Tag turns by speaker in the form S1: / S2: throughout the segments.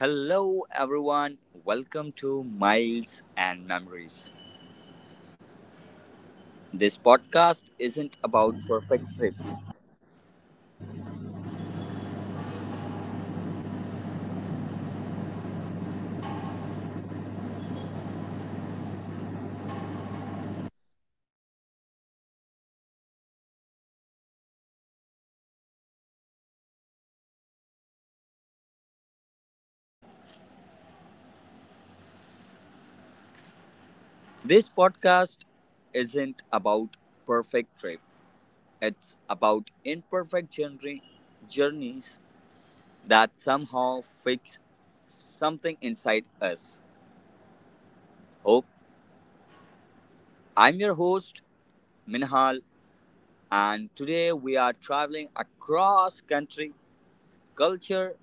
S1: Hello, everyone. Welcome to Miles and Memories. This podcast isn't about perfect trip. This podcast isn't about perfect trip. It's about imperfect journey, journeys that somehow fix something inside us. Hope I'm your host, Minhal, and today we are traveling across country, culture,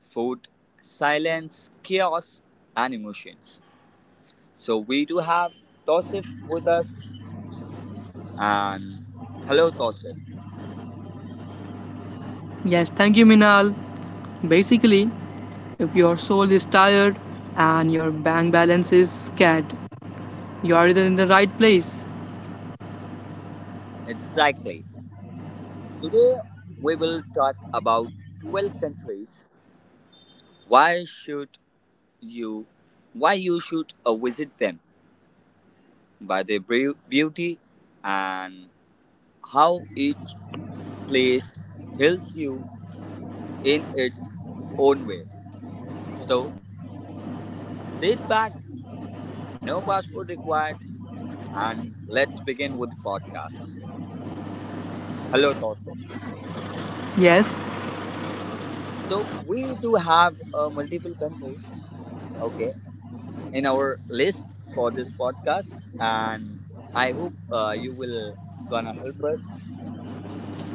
S1: food, silence, chaos, and emotions. So we do have Tosif with us. And hello, Tosif.
S2: Yes, thank you, Minal. Basically, if your soul is tired and your bank balance is scared, you are in the right place.
S1: Exactly. Today we will talk about 12 countries. Why should you, why you should visit them? By their beauty and how each place helps you in its own way. So sit back, no passport required, and let's begin with the podcast. Hello, Tosif.
S2: Yes,
S1: So we do have multiple countries, okay, in our list for this podcast, and I hope you will gonna help us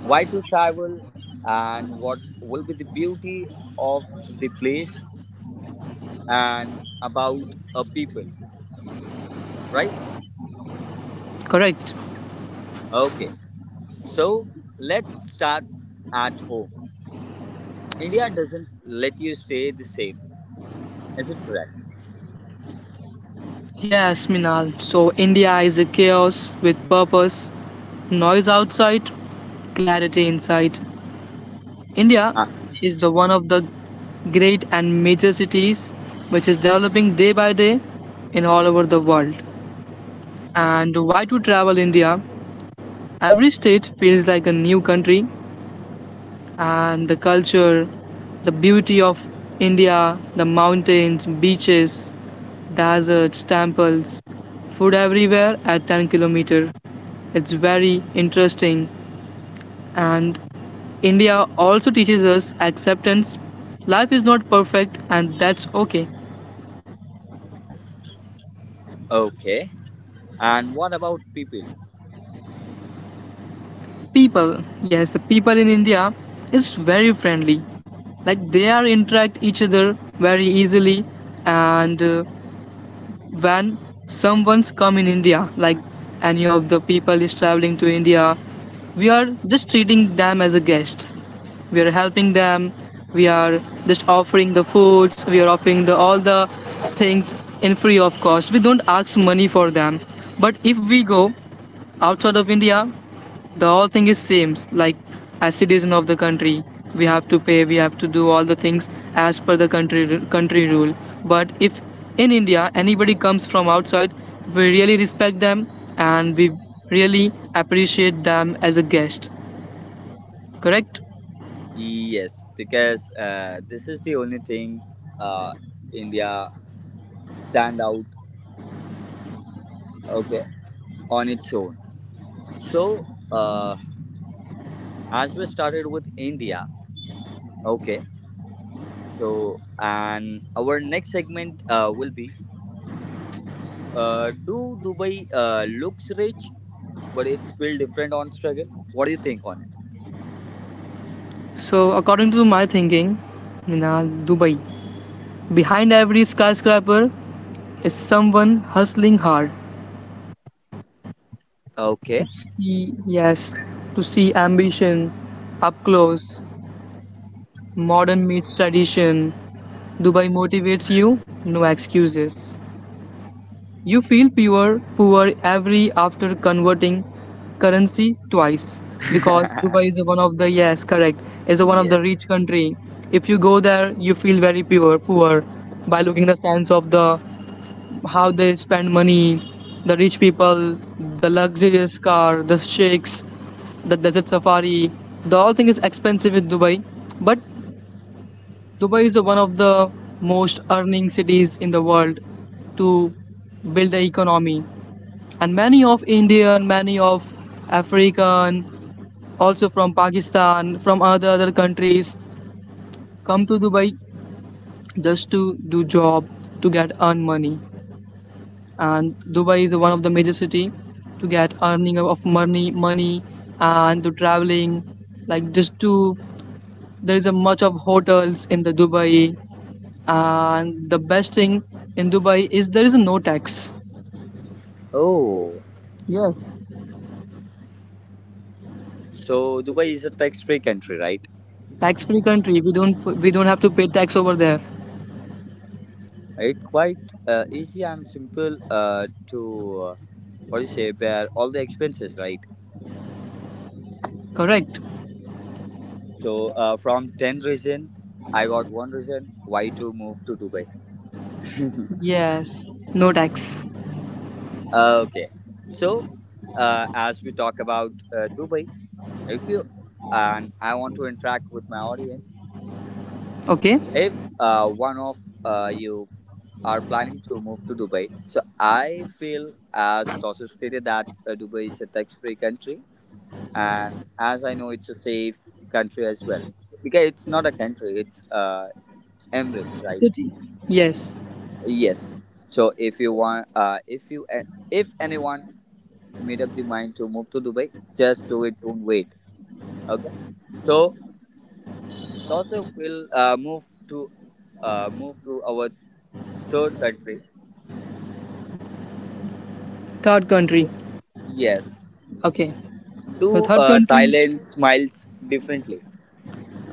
S1: why to travel and what will be the beauty of the place and about a people, right?
S2: correct.
S1: Okay, so let's start at home. India doesn't let you stay the same, is it correct?
S2: Yes, Minal. So, India is a chaos with purpose, noise outside, clarity inside. India
S1: Ah,
S2: is the one of the great and major cities which is developing day by day in all over the world. And why to travel India? Every state feels like a new country and the culture, the beauty of India, the mountains, beaches, deserts, temples, food everywhere at 10 kilometer. It's very interesting and India also teaches us acceptance. Life is not perfect and that's okay.
S1: okay, and what about people?
S2: People, yes, the people in India is very friendly like they are interact each other very easily, and when someone's come in India, like any of the people is traveling to India, we are just treating them as a guest. We are helping them. We are just offering the foods. We are offering the all the things in free of cost. We don't ask money for them. But if we go outside of India, the whole thing is same, like as citizen of the country, we have to pay, we have to do all the things as per the country rule. But if in India anybody comes from outside, we really respect them and we really appreciate them as a guest. Correct?
S1: Yes, because this is the only thing, uh, India stand out, okay, on its own. So uh, as we started with India, okay. So and our next segment will be do Dubai looks rich but it's built different on struggle. What do you think on it?
S2: So according to my thinking, in Dubai, behind every skyscraper is someone hustling hard.
S1: Okay.
S2: see- Yes, to see ambition up close, modern meets tradition, Dubai motivates you, no excuses. You feel pure, poor every after converting currency twice because Dubai is one of the, yes, correct, is one of
S1: Yeah.
S2: the rich country. If you go there, you feel very pure, poor by looking the sense of the how they spend money, the rich people, the luxurious car, the sheikhs, the desert safari. The whole thing is expensive in Dubai, but Dubai is the one of the most earning cities in the world to build the economy. And many of Indian, many of African, also from Pakistan, from other countries, come to Dubai just to do job, to get earn money. And Dubai is the one of the major city to get earning of money, and to traveling. Like just to there is a much of hotels in the Dubai. And the best thing in Dubai is there is no tax.
S1: Oh,
S2: Yes,
S1: so Dubai is a tax-free country, right?
S2: tax-free country. We don't have to pay tax over there.
S1: It's quite easy and simple to what do you say bear all the expenses, right?
S2: Correct?
S1: So from 10 reason, I got one reason why to move to Dubai.
S2: Yes. No tax.
S1: Okay, so as we talk about Dubai, if you and I want to interact with my audience,
S2: Okay.
S1: if one of you are planning to move to Dubai, so I feel as Tosu stated that Dubai is a tax-free country, and as I know, it's a safe country as well. Because it's not a country; it's Emirates, right?
S2: City. Yes.
S1: Yes. So if you want, if anyone made up the mind to move to Dubai, just do it. Don't wait. Okay. So Joseph will move to our third country.
S2: Third country.
S1: Yes.
S2: Okay. So
S1: Do
S2: third country.
S1: Thailand smiles differently?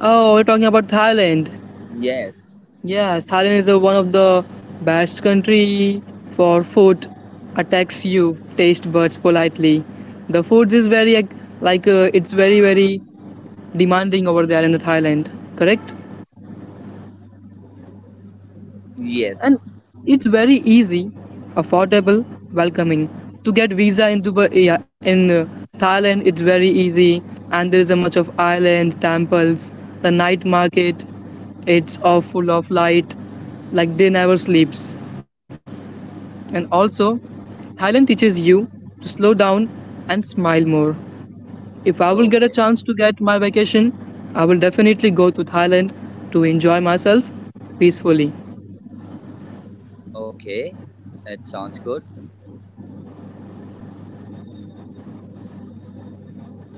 S2: Oh, we're talking about Thailand.
S1: Yes.
S2: Yes, Thailand is the one of the best country for food. Attacks you taste buds politely. The foods is very like, it's very demanding over there in the Thailand, correct?
S1: Yes.
S2: And it's very easy, affordable, welcoming. To get visa in Dubai, yeah, in Thailand, it's very easy, and there is a much of island, temples, the night market. It's all full of light, like they never sleeps. And also, Thailand teaches you to slow down and smile more. If I will get a
S1: Okay.
S2: chance to get my vacation, I will definitely go to Thailand to enjoy myself peacefully.
S1: Okay. That sounds good.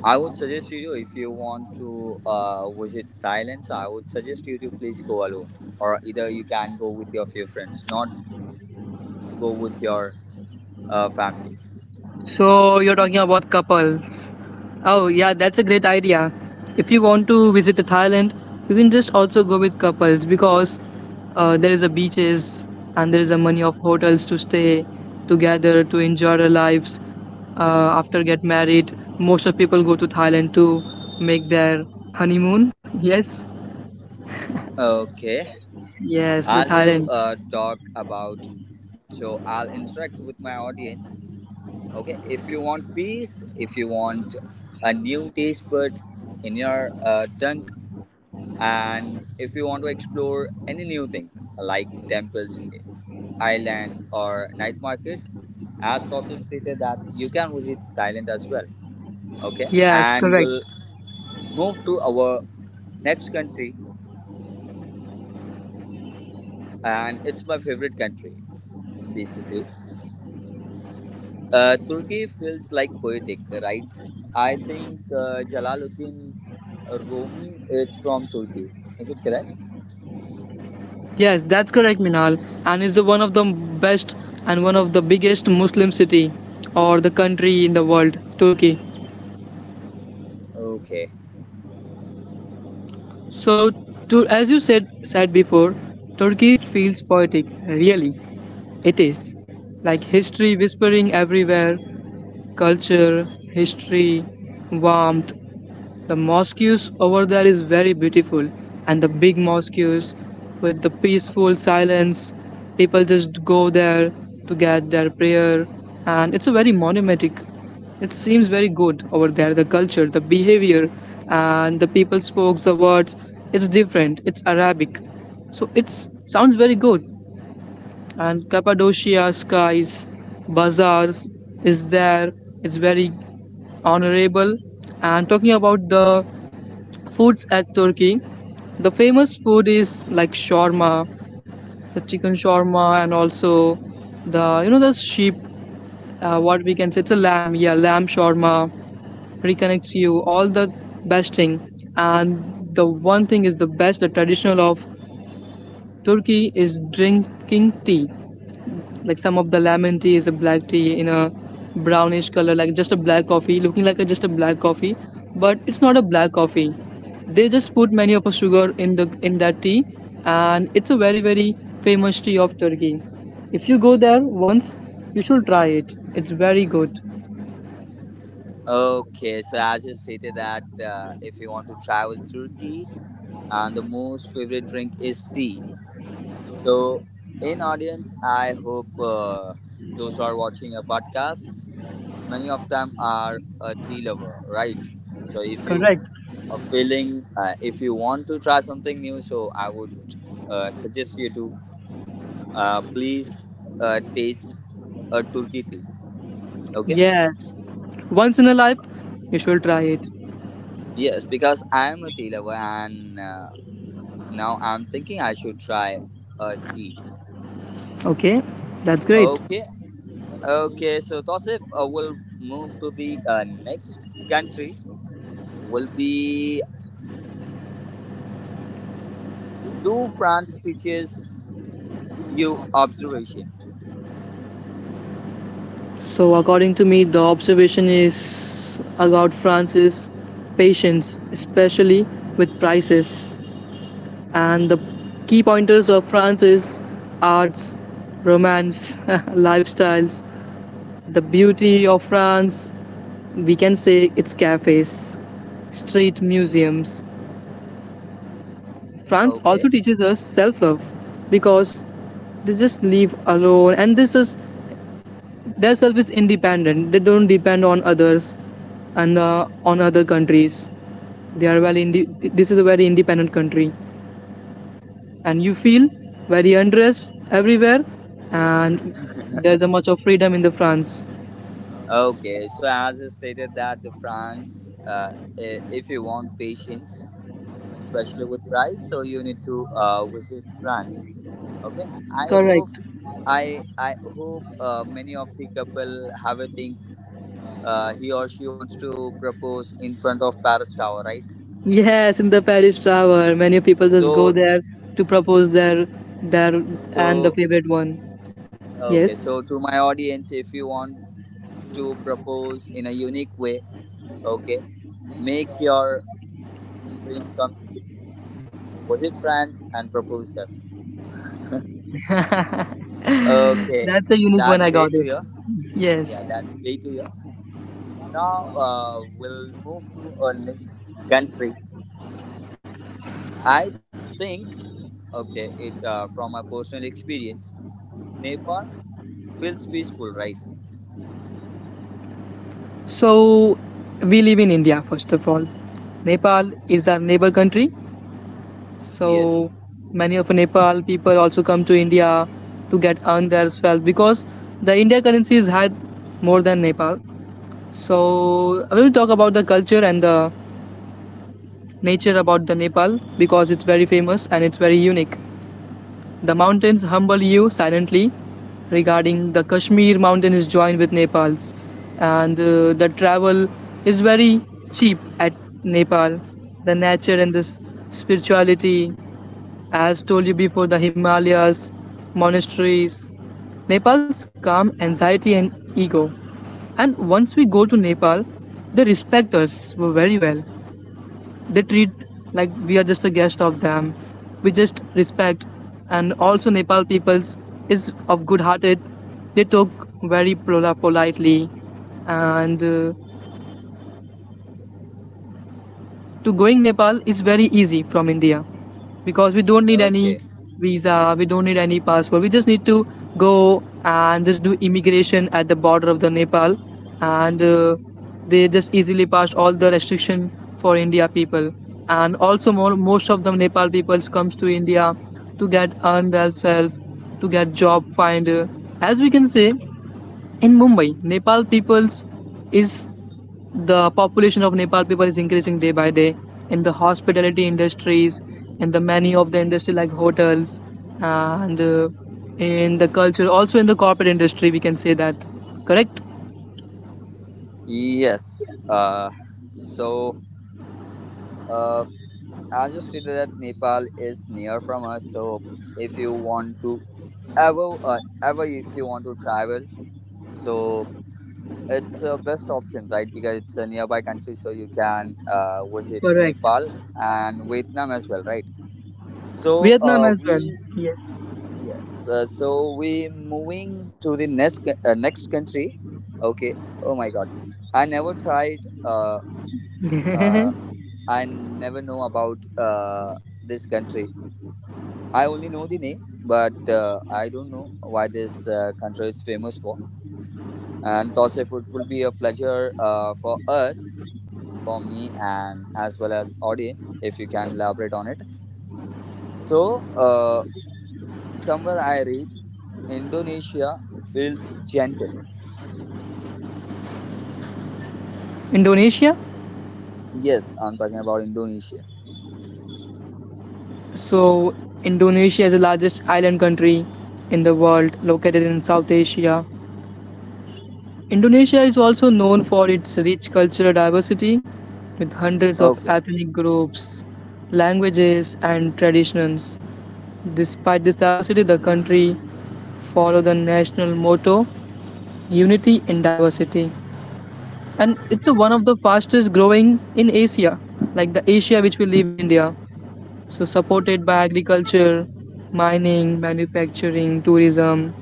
S1: I would suggest you if you want to visit Thailand, so I would suggest you to please go alone, or either you can go with your few friends, not go with your family.
S2: So you're talking
S1: Mhm.
S2: about couple. Oh yeah, that's a great idea. If you want to visit to Thailand, you can just also go with couples because there is a beaches and there is a money of hotels to stay together to enjoy their lives. After get married, most of people go to Thailand to make their honeymoon. Yes,
S1: Okay,
S2: yes, the
S1: as
S2: Thailand.
S1: you talk about, so I'll interact with my audience. Okay, if you want peace, if you want a new taste bud in your tongue, and if you want to explore any new thing like temples Thailand or night market. As Tosif stated that you can visit Thailand as well. Okay,
S2: Yes,
S1: and
S2: correct.
S1: we'll move to our next country, and it's my favorite country basically. Turkey feels like poetic, right? I think Jalaluddin Rumi is from Turkey. Is it correct?
S2: Yes, that's correct, Minal, and is one of the best and one of the biggest Muslim city or the country in the world, Turkey.
S1: Okay.
S2: So, to, as you said before, Turkey feels poetic. Really, it is like history whispering everywhere, culture, history, warmth. The mosques over there is very beautiful, and the big mosques with the peaceful silence. People just go there to get their prayer, and it's a very monumentic. It seems very good over there. The culture, the behavior, and the people spoke the words. It's different. It's Arabic, so it sounds very good. And Cappadocia skies, bazaars is there. It's very honorable. And talking about the foods at Turkey. The famous food is like shawarma, the chicken shawarma, and also the you know the sheep. What we can say, it's a lamb. Yeah, lamb shawarma reconnects you. All the best thing. And the one thing is the best. The traditional of Turkey is drinking tea, like some of the lemon tea is a black tea in a brownish color, like just a black coffee, looking like a, just a black coffee, but it's not a black coffee. They just put many of a sugar in the in that tea, and it's a very very famous tea of Turkey. If you go there once, you should try it. It's very good.
S1: Okay, so as you stated that if you want to travel Turkey, and the most favorite drink is tea. So, in audience, I hope those who are watching a podcast, many of them are a tea lover, right? So, if you
S2: Correct.
S1: are feeling, if you want to try something new, so I would suggest you to please taste a Turkey tea. Okay?
S2: Yeah, once in a life you should try it.
S1: Yes, because I am a tea lover, and now I'm thinking I should try a tea.
S2: Okay, that's great.
S1: Okay, okay. So, Tosif, we'll move to the next country will be do France teaches you observation?
S2: So, according to me, the observation is about France is patience, especially with prices. And the key pointers of France is arts, romance, lifestyles, the beauty of France. We can say its cafes, street museums. France
S1: Okay.
S2: also teaches us self love because they just live alone and this is they're self-independent. They don't depend on others and on other countries. They are well. This is a very independent country, and you feel very undressed everywhere, and there's a much of freedom in the France.
S1: Okay. So as I stated that the France, if you want patience, especially with price, so you need to visit France. Okay. I hope
S2: Correct.
S1: I I hope uh, many of the couple have a think. He or she wants to propose in front of Paris Tower, right?
S2: Yes, in the Paris Tower, many people just go
S1: So
S2: there to propose their and the
S1: so
S2: favorite one. Yes,
S1: okay. So to my audience, if you want to propose in a unique way. Okay, make your dream come true. Visit France and propose them. Okay,
S2: that's a unique one.
S1: that's
S2: I got
S1: great to
S2: it.
S1: hear.
S2: Yes.
S1: Yeah, that's great to hear. Now we'll move to our next country. I think, okay, it from my personal experience, Nepal feels peaceful, right?
S2: So we live in India, first of all. Nepal is our neighbor country.
S1: Yes.
S2: So many of Nepal people also come to India to get earn their wealth because the India currency is high more than Nepal. So I will talk about the culture and the nature about the Nepal because it's very famous and it's very unique. The mountains humble you silently regarding the Kashmir mountain is joined with Nepal's, and the travel is very cheap at Nepal. The nature and the spirituality, as told you before, the Himalayas, monasteries, Nepal's calm anxiety and ego. And once we go to Nepal, they respect us very well. They treat like we are just a guest of them. We just respect, and also Nepal peoples is of good hearted. They talk very politely, and to going Nepal is very easy from India because we don't need any
S1: Okay.
S2: visa, we don't need any passport. We just need to go and just do immigration at the border of the Nepal, and they just easily pass all the restriction for India people. And also, more most of the Nepal people comes to India to get earn themselves, to get job find. As we can say, in Mumbai, Nepal peoples is the population of Nepal people is increasing day by day in the hospitality industries, in the many of the industry like hotels, and in the culture, also in the corporate industry, we can say that. Correct?
S1: Yes. So uh, I just stated that Nepal is near from us, so if you want to ever, ever if you want to travel, so it's a best option, right? Because it's a nearby country, so you can visit
S2: Correct.
S1: Nepal and Vietnam as well, right? So
S2: Vietnam as well.
S1: so we moving to the next next country. Okay. Oh my God, I never tried.
S2: Yes.
S1: Uh, I never know about this country. I only know the name, but I don't know why this country is famous for. And thus, it will be a pleasure for us, for me, and as well as audience, if you can elaborate on it. So, somewhere I read Indonesia feels gentle.
S2: Indonesia.
S1: Yes, I'm talking about Indonesia.
S2: So, Indonesia is the largest island country in the world, located in South Asia. Indonesia is also known for its rich cultural diversity, with hundreds of
S1: Okay.
S2: ethnic groups, languages, and traditions. Despite this diversity, the country follows the national motto Unity in Diversity. And it's one of the fastest growing in Asia, like the Asia which we live in India. So, supported by agriculture, mining, manufacturing, tourism,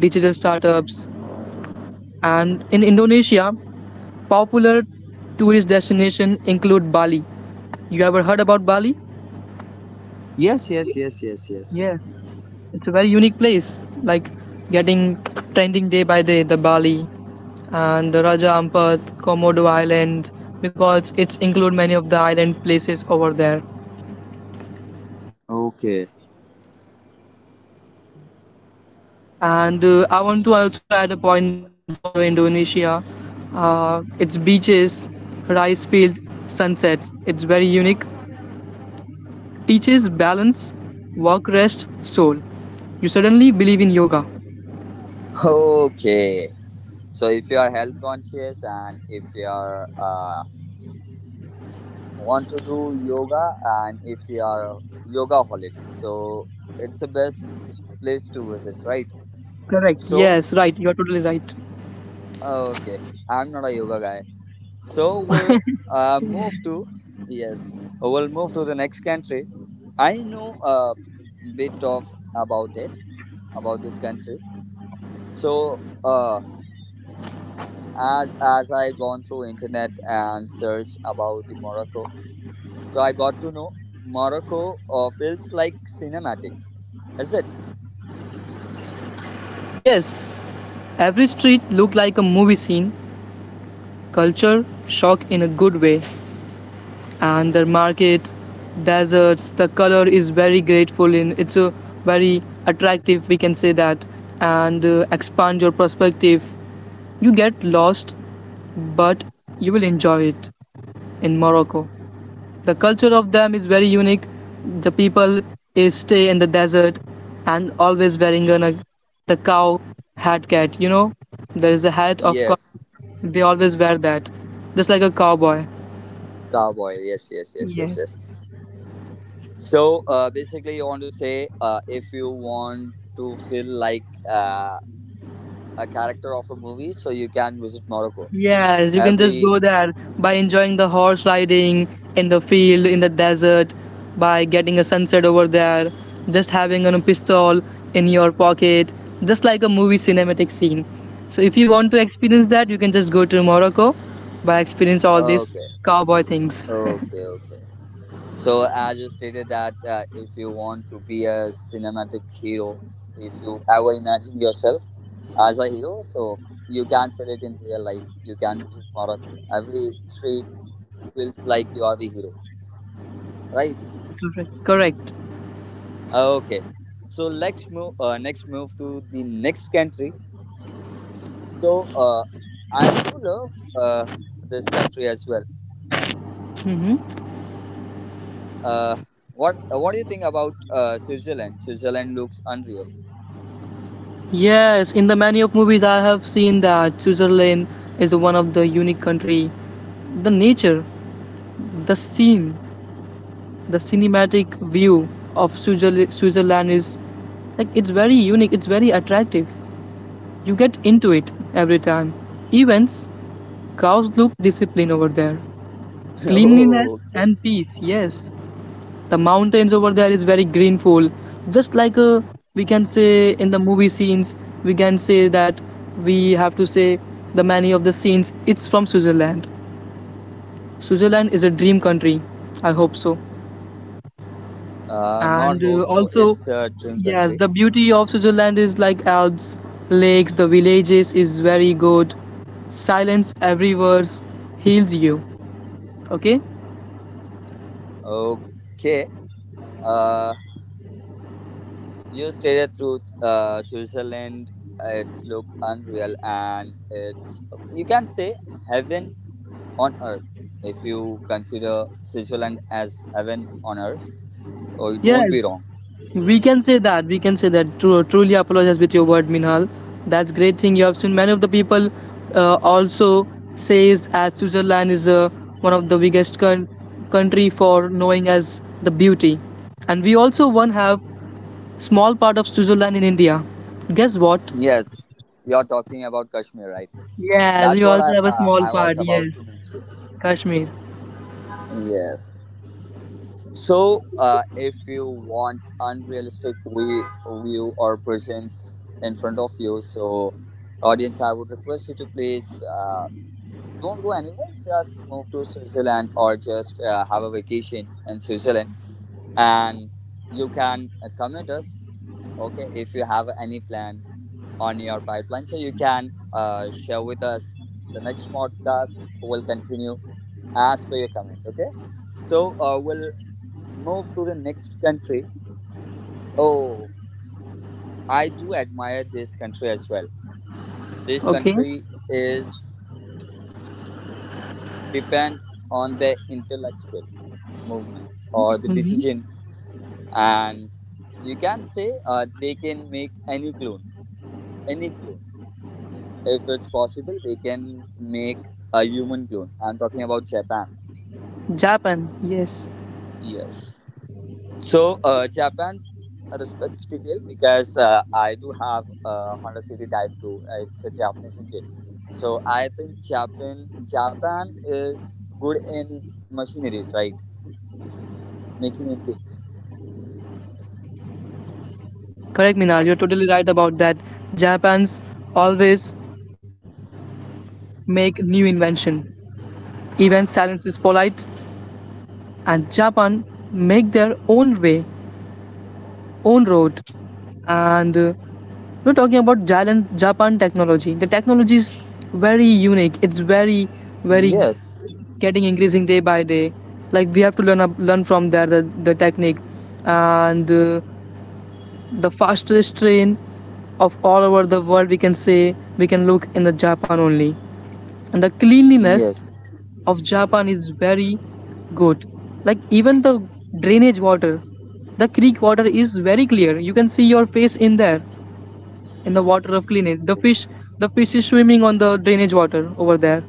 S2: digital startups. And in Indonesia, popular tourist destinations include Bali. You ever heard about Bali?
S1: Yes, yes, yes, yes, yes.
S2: Yeah, it's a very unique place. Like getting trending day by day, the Bali and the Raja Ampat, Komodo Island, because it's include many of the island places over there.
S1: Okay.
S2: And I want to also add a point for Indonesia. Its beaches, rice field, sunsets. It's very unique. Teaches balance, work, rest, soul. You suddenly believe in yoga.
S1: Okay. So if you are health conscious, and if you are want to do yoga, and if you are a yoga holic, so it's the best place to visit, right?
S2: Correct. Yes,
S1: So
S2: right. You're totally right.
S1: okay, I'm not a yoga guy, so we'll move to yes we'll move to the next country. I know a bit of about it about this country. So as I gone through internet and search about the Morocco, so I got to know Morocco feels like cinematic. Is it?
S2: Yes, every street looked like a movie scene. Culture shock in a good way, and the market, deserts. The color is very grateful in. It's a very attractive. We can say that, and expand your perspective. You get lost, but you will enjoy it in Morocco. The culture of them is very unique. The people is stay in the desert and always wearing the cow hat cat. You know, there is a hat of cow.
S1: Yes,
S2: They always wear that, just like a cowboy.
S1: cowboy. Yes, yes, yes, yes, yes.
S2: Yes.
S1: So basically, you want to say if you want to feel like a character of a movie, so you can visit Morocco.
S2: Yes, you can just
S1: Every
S2: go there by enjoying the horse riding in the field, in the desert, by getting a sunset over there, just having a pistol in your pocket, just like a movie cinematic scene. So if you want to experience that, you can just go to Morocco by experience all these
S1: Okay,
S2: cowboy things.
S1: okay, okay. So as you stated that if you want to be a cinematic hero, if you ever imagine yourself as a hero, so you can feel it in real life. You can visit Morocco. Every street feels like you are the hero, right?
S2: Correct. Correct.
S1: Okay, so let's move. Next, move to the next country. So I do love this country as well.
S2: hmm
S1: Uh, What do you think about Switzerland? Switzerland looks unreal.
S2: Yes, in the many of movies I have seen that Switzerland is one of the unique country. The nature, the scene, the cinematic view of Switzerland is like it's very unique, it's very attractive. You get into it every time. Events, cows look disciplined over there. Cleanliness
S1: Oh, okay.
S2: and peace, yes. The mountains over there is very greenful. Just like a, we can say in the movie scenes, we can say that we have to say the many of the scenes, it's from Switzerland. Switzerland is a dream country. I hope so.
S1: Not
S2: And
S1: hope. So
S2: also,
S1: it's a dream
S2: yes,
S1: country.
S2: the beauty of Switzerland is like Alps, lakes, the villages is very good. Silence everywhere heals you. Okay?
S1: Okay. Uh, you stated through Switzerland. It's look unreal, and it's, you can say, heaven on earth. If you consider Switzerland as heaven on earth, or it
S2: Yes,
S1: won't be wrong.
S2: we can say that. We can say that. True, truly apologize with your word, Minhal. That's great thing you have seen. Many of the people also says as Switzerland is one of the biggest country for knowing as the beauty. And we also one have small part of Switzerland in India. Guess what?
S1: Yes, you're talking about Kashmir, right?
S2: Yes,
S1: That's
S2: we
S1: what
S2: also
S1: I
S2: have a small part.
S1: was about
S2: Yes,
S1: to mention.
S2: Kashmir.
S1: Yes. So, if you want unrealistic view or presence in front of you, so audience, I would request you to please don't go anywhere. Just move to Switzerland, or just have a vacation in Switzerland, and you can comment us. Okay, if you have any plan on your pipeline, so you can share with us. The next podcast will continue as per your comment. Okay, so we'll move to the next country. Oh, I do admire this country as well. This
S2: Okay.
S1: country is depend on the intellectual movement or the
S2: hmm
S1: decision, and you can say they can make any clone, any clone. If it's possible, they can make a human clone. I'm talking about Japan.
S2: Japan. Yes.
S1: Yes. So Japan respects detail because I do have a Honda City Type 2. It's a Japanese engine, so I think Japan is good in machineries, right? Making engines.
S2: Correct, Minal. You're totally right about that. Japan's always make new invention. Even silence is polite, and Japan make their own way, own road. And we're talking about Japan technology. The technology is very unique. It's very, very
S1: Yes.
S2: getting increasing day by day. Like we have to learn up, learn from there the technique and the fastest train of all over the world we can say we can look in the Japan only. And the cleanliness
S1: Yes.
S2: of Japan is very good. Like even the drainage water, the creek water is very clear. You can see your face in there in the water of cleanliness. The fish is swimming on the drainage water over there.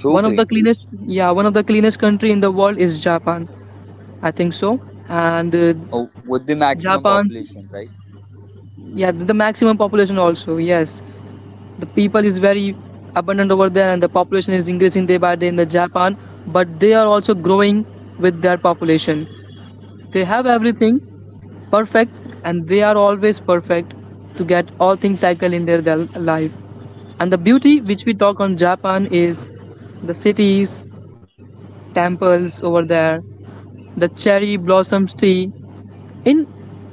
S1: Too
S2: One of the
S1: clean.
S2: cleanest, yeah, one of the cleanest country in the world is Japan. I think so. And
S1: Oh, with the
S2: Japan,
S1: maximum population, right?
S2: yeah, the maximum population also, yes. The people is very abundant over there and the population is increasing day by day in the Japan, but they are also growing with their population. They have everything perfect and they are always perfect to get all things tackled in their life. And the beauty which we talk on Japan is the cities, temples over there, the cherry blossoms tree. In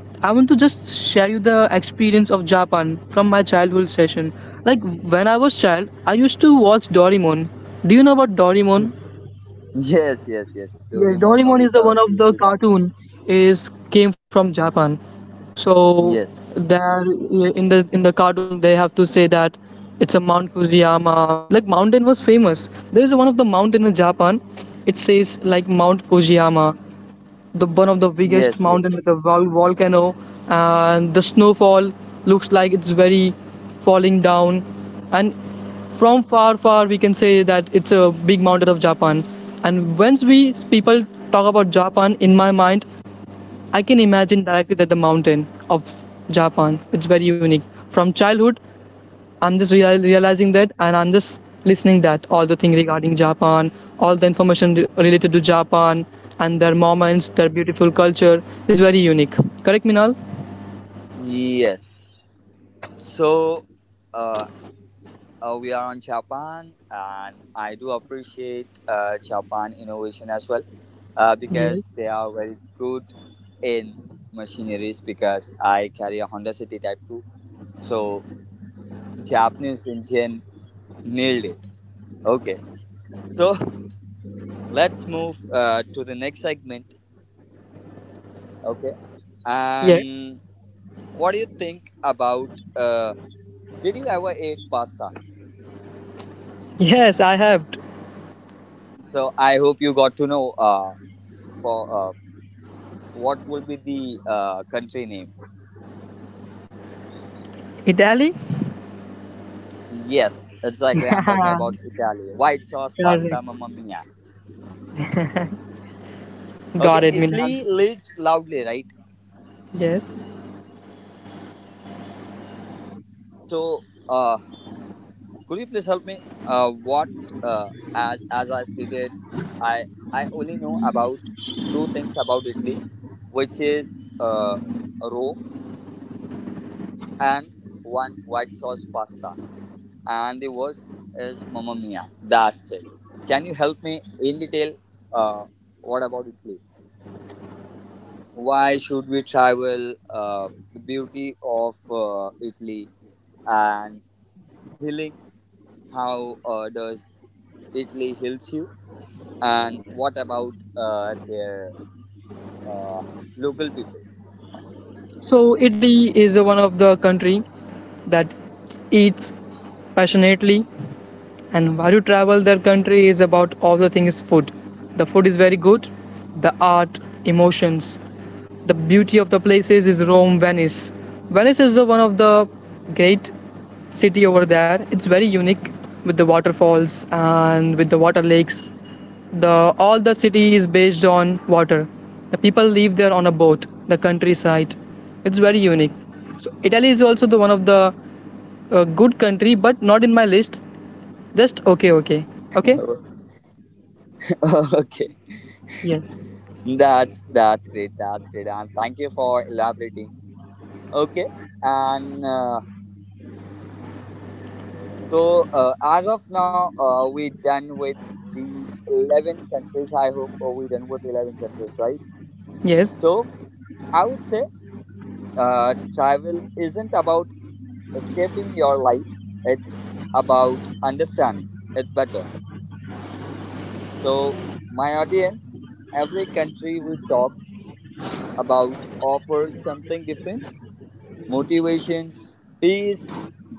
S2: I want to just share you the experience of Japan from my childhood session. Like when I was child, I used to watch Doraemon. Do you know about Doraemon?
S1: Yes. Yes. Yes.
S2: Yes,
S1: Doraemon,
S2: Doraemon is the
S1: Nobita,
S2: one of the
S1: Shizuka.
S2: cartoon is came from Japan. So
S1: Yes.
S2: there in the cartoon they have to say that it's a Mount Fujiyama. Like mountain was famous. There is one of the mountain in Japan. It says like Mount Fujiyama the one of the biggest
S1: Yes.
S2: mountain
S1: Yes.
S2: with a volcano and the snowfall looks like it's very falling down and from far we can say that it's a big mountain of japan and once we people talk about japan in my mind I can imagine directly that the mountain of japan it's very unique from childhood I'm just realizing that, and I'm just listening that all the thing regarding Japan, all the information related to Japan and their moments, their beautiful culture is very unique. Correct, Minal?
S1: Yes. So uh, we are on Japan, and I do appreciate Japan innovation as well,
S2: Yes.
S1: because they are very good in machineries. Because I carry a Honda City Type 2, so Japanese engine nailed it. Okay, so let's move to the next segment. Okay,
S2: Yes.
S1: and what do you think about? Did you ever eat pasta?
S2: Yes, I have.
S1: So I hope you got to know. For what will be the country name?
S2: Italy?
S1: Yes, exactly. I'm talking about Italy. White sauce pasta,
S2: Correct.
S1: mamma mia. Okay,
S2: Got it, Minal.
S1: Italy lives loudly, right?
S2: Yes.
S1: So, uh, could you please help me? What as I stated, I I only know about two things about Italy, which is Rome and one white sauce pasta, and the word is Mamma Mia. That's it. Can you help me in detail? Uh, what about Italy? Why should we travel? The beauty of Italy and healing. How does Italy heals you? And what about their uh, local people?
S2: So Italy is one of the country that eats passionately. And while you travel, their country is about all the things food. The food is very good, the art, emotions. The beauty of the places is Rome, Venice. Venice is the one of the great city over there. It's very unique with the waterfalls and with the water lakes. The all the city is based on water. The people live there on a boat, the countryside. It's very unique. So Italy is also the one of the good country, but not in my list. Just okay, okay. Okay?
S1: Okay,
S2: Yes.
S1: that's great. That's great, and thank you for elaborating. Okay, and. So as of now, we done with the 11 countries. I hope we done with 11 countries, right?
S2: Yes.
S1: So I would say travel isn't about escaping your life. It's about understanding it better. So my audience, every country we talk about offers something different: motivations, peace,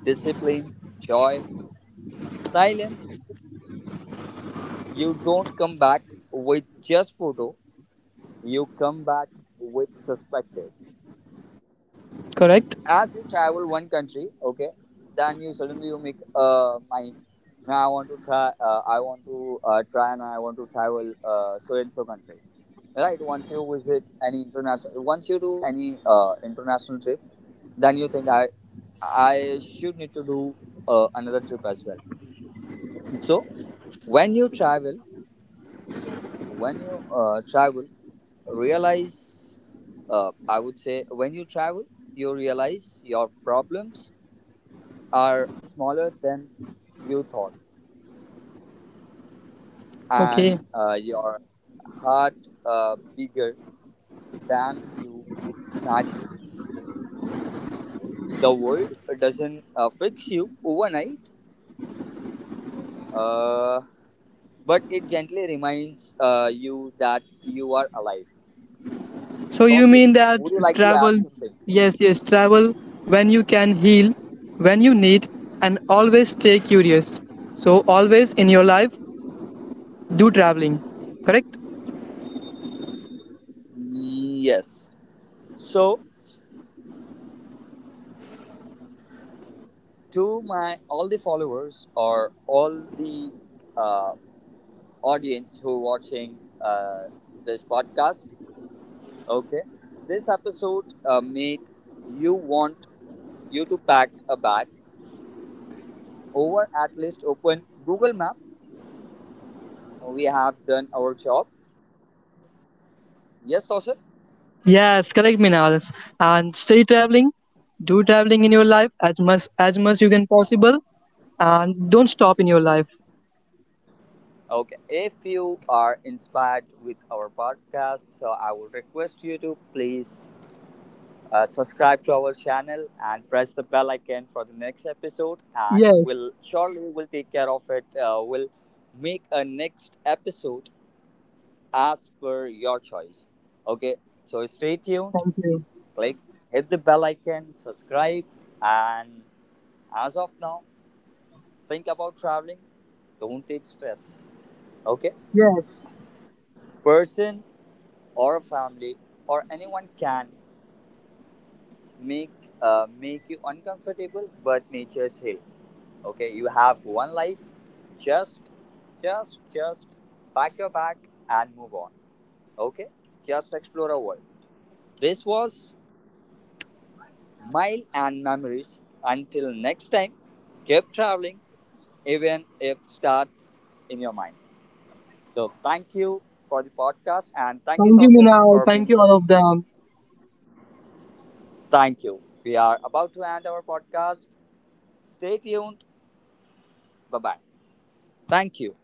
S1: discipline, joy, silence. You don't come back with just photo. You come back with perspective.
S2: Correct.
S1: As you travel one country, okay, then you suddenly you make my. Now I want to try. I want to try, and I want to travel so and so country, right? Once you visit any international, once you do any international trip, then you think I should need to do another trip as well. So when you travel, when you travel realize, I would say, when you travel you realize your problems are smaller than you thought, and
S2: Okay.
S1: your heart bigger than you imagine. The world doesn't fix you overnight, uh, but it gently reminds you that you are alive.
S2: So you
S1: Tosif,
S2: mean that
S1: would you like to
S2: travel,
S1: add something?
S2: yes, yes, travel when you can heal, when you need, and always stay curious. So always in your life, do traveling. Correct?
S1: Yes, so to my all the followers or all the uh, audience who watching this podcast, okay, this episode made you want you to pack a bag over at least open Google map. We have done our job. Yes, Tosif?
S2: Yes, correct, Minal. And stay traveling. Do traveling in your life as much you can possible, and don't stop in your life.
S1: Okay, if you are inspired with our podcast, so I would request you to please subscribe to our channel and press the bell icon for the next episode, and
S2: Yes,
S1: we'll surely will take care of it. We'll make a next episode as per your choice. Okay, so stay tuned.
S2: thank you.
S1: Click, hit the bell icon, subscribe, and as of now, think about traveling. Don't take stress. Okay,
S2: Yes,
S1: person or a family or anyone can make make you uncomfortable, but nature's heal. Okay, you have one life. Just just just pack your bag and move on. Okay, just explore a world. This was Mile and Memories. Until next time, keep traveling, even if starts in your mind. So thank you for the podcast, and thank you,
S2: thank you,
S1: Tosif,
S2: Minal.
S1: for
S2: Thank
S1: being
S2: you,
S1: here.
S2: all of them.
S1: Thank you. We are about to end our podcast. Stay tuned. Bye bye. Thank you.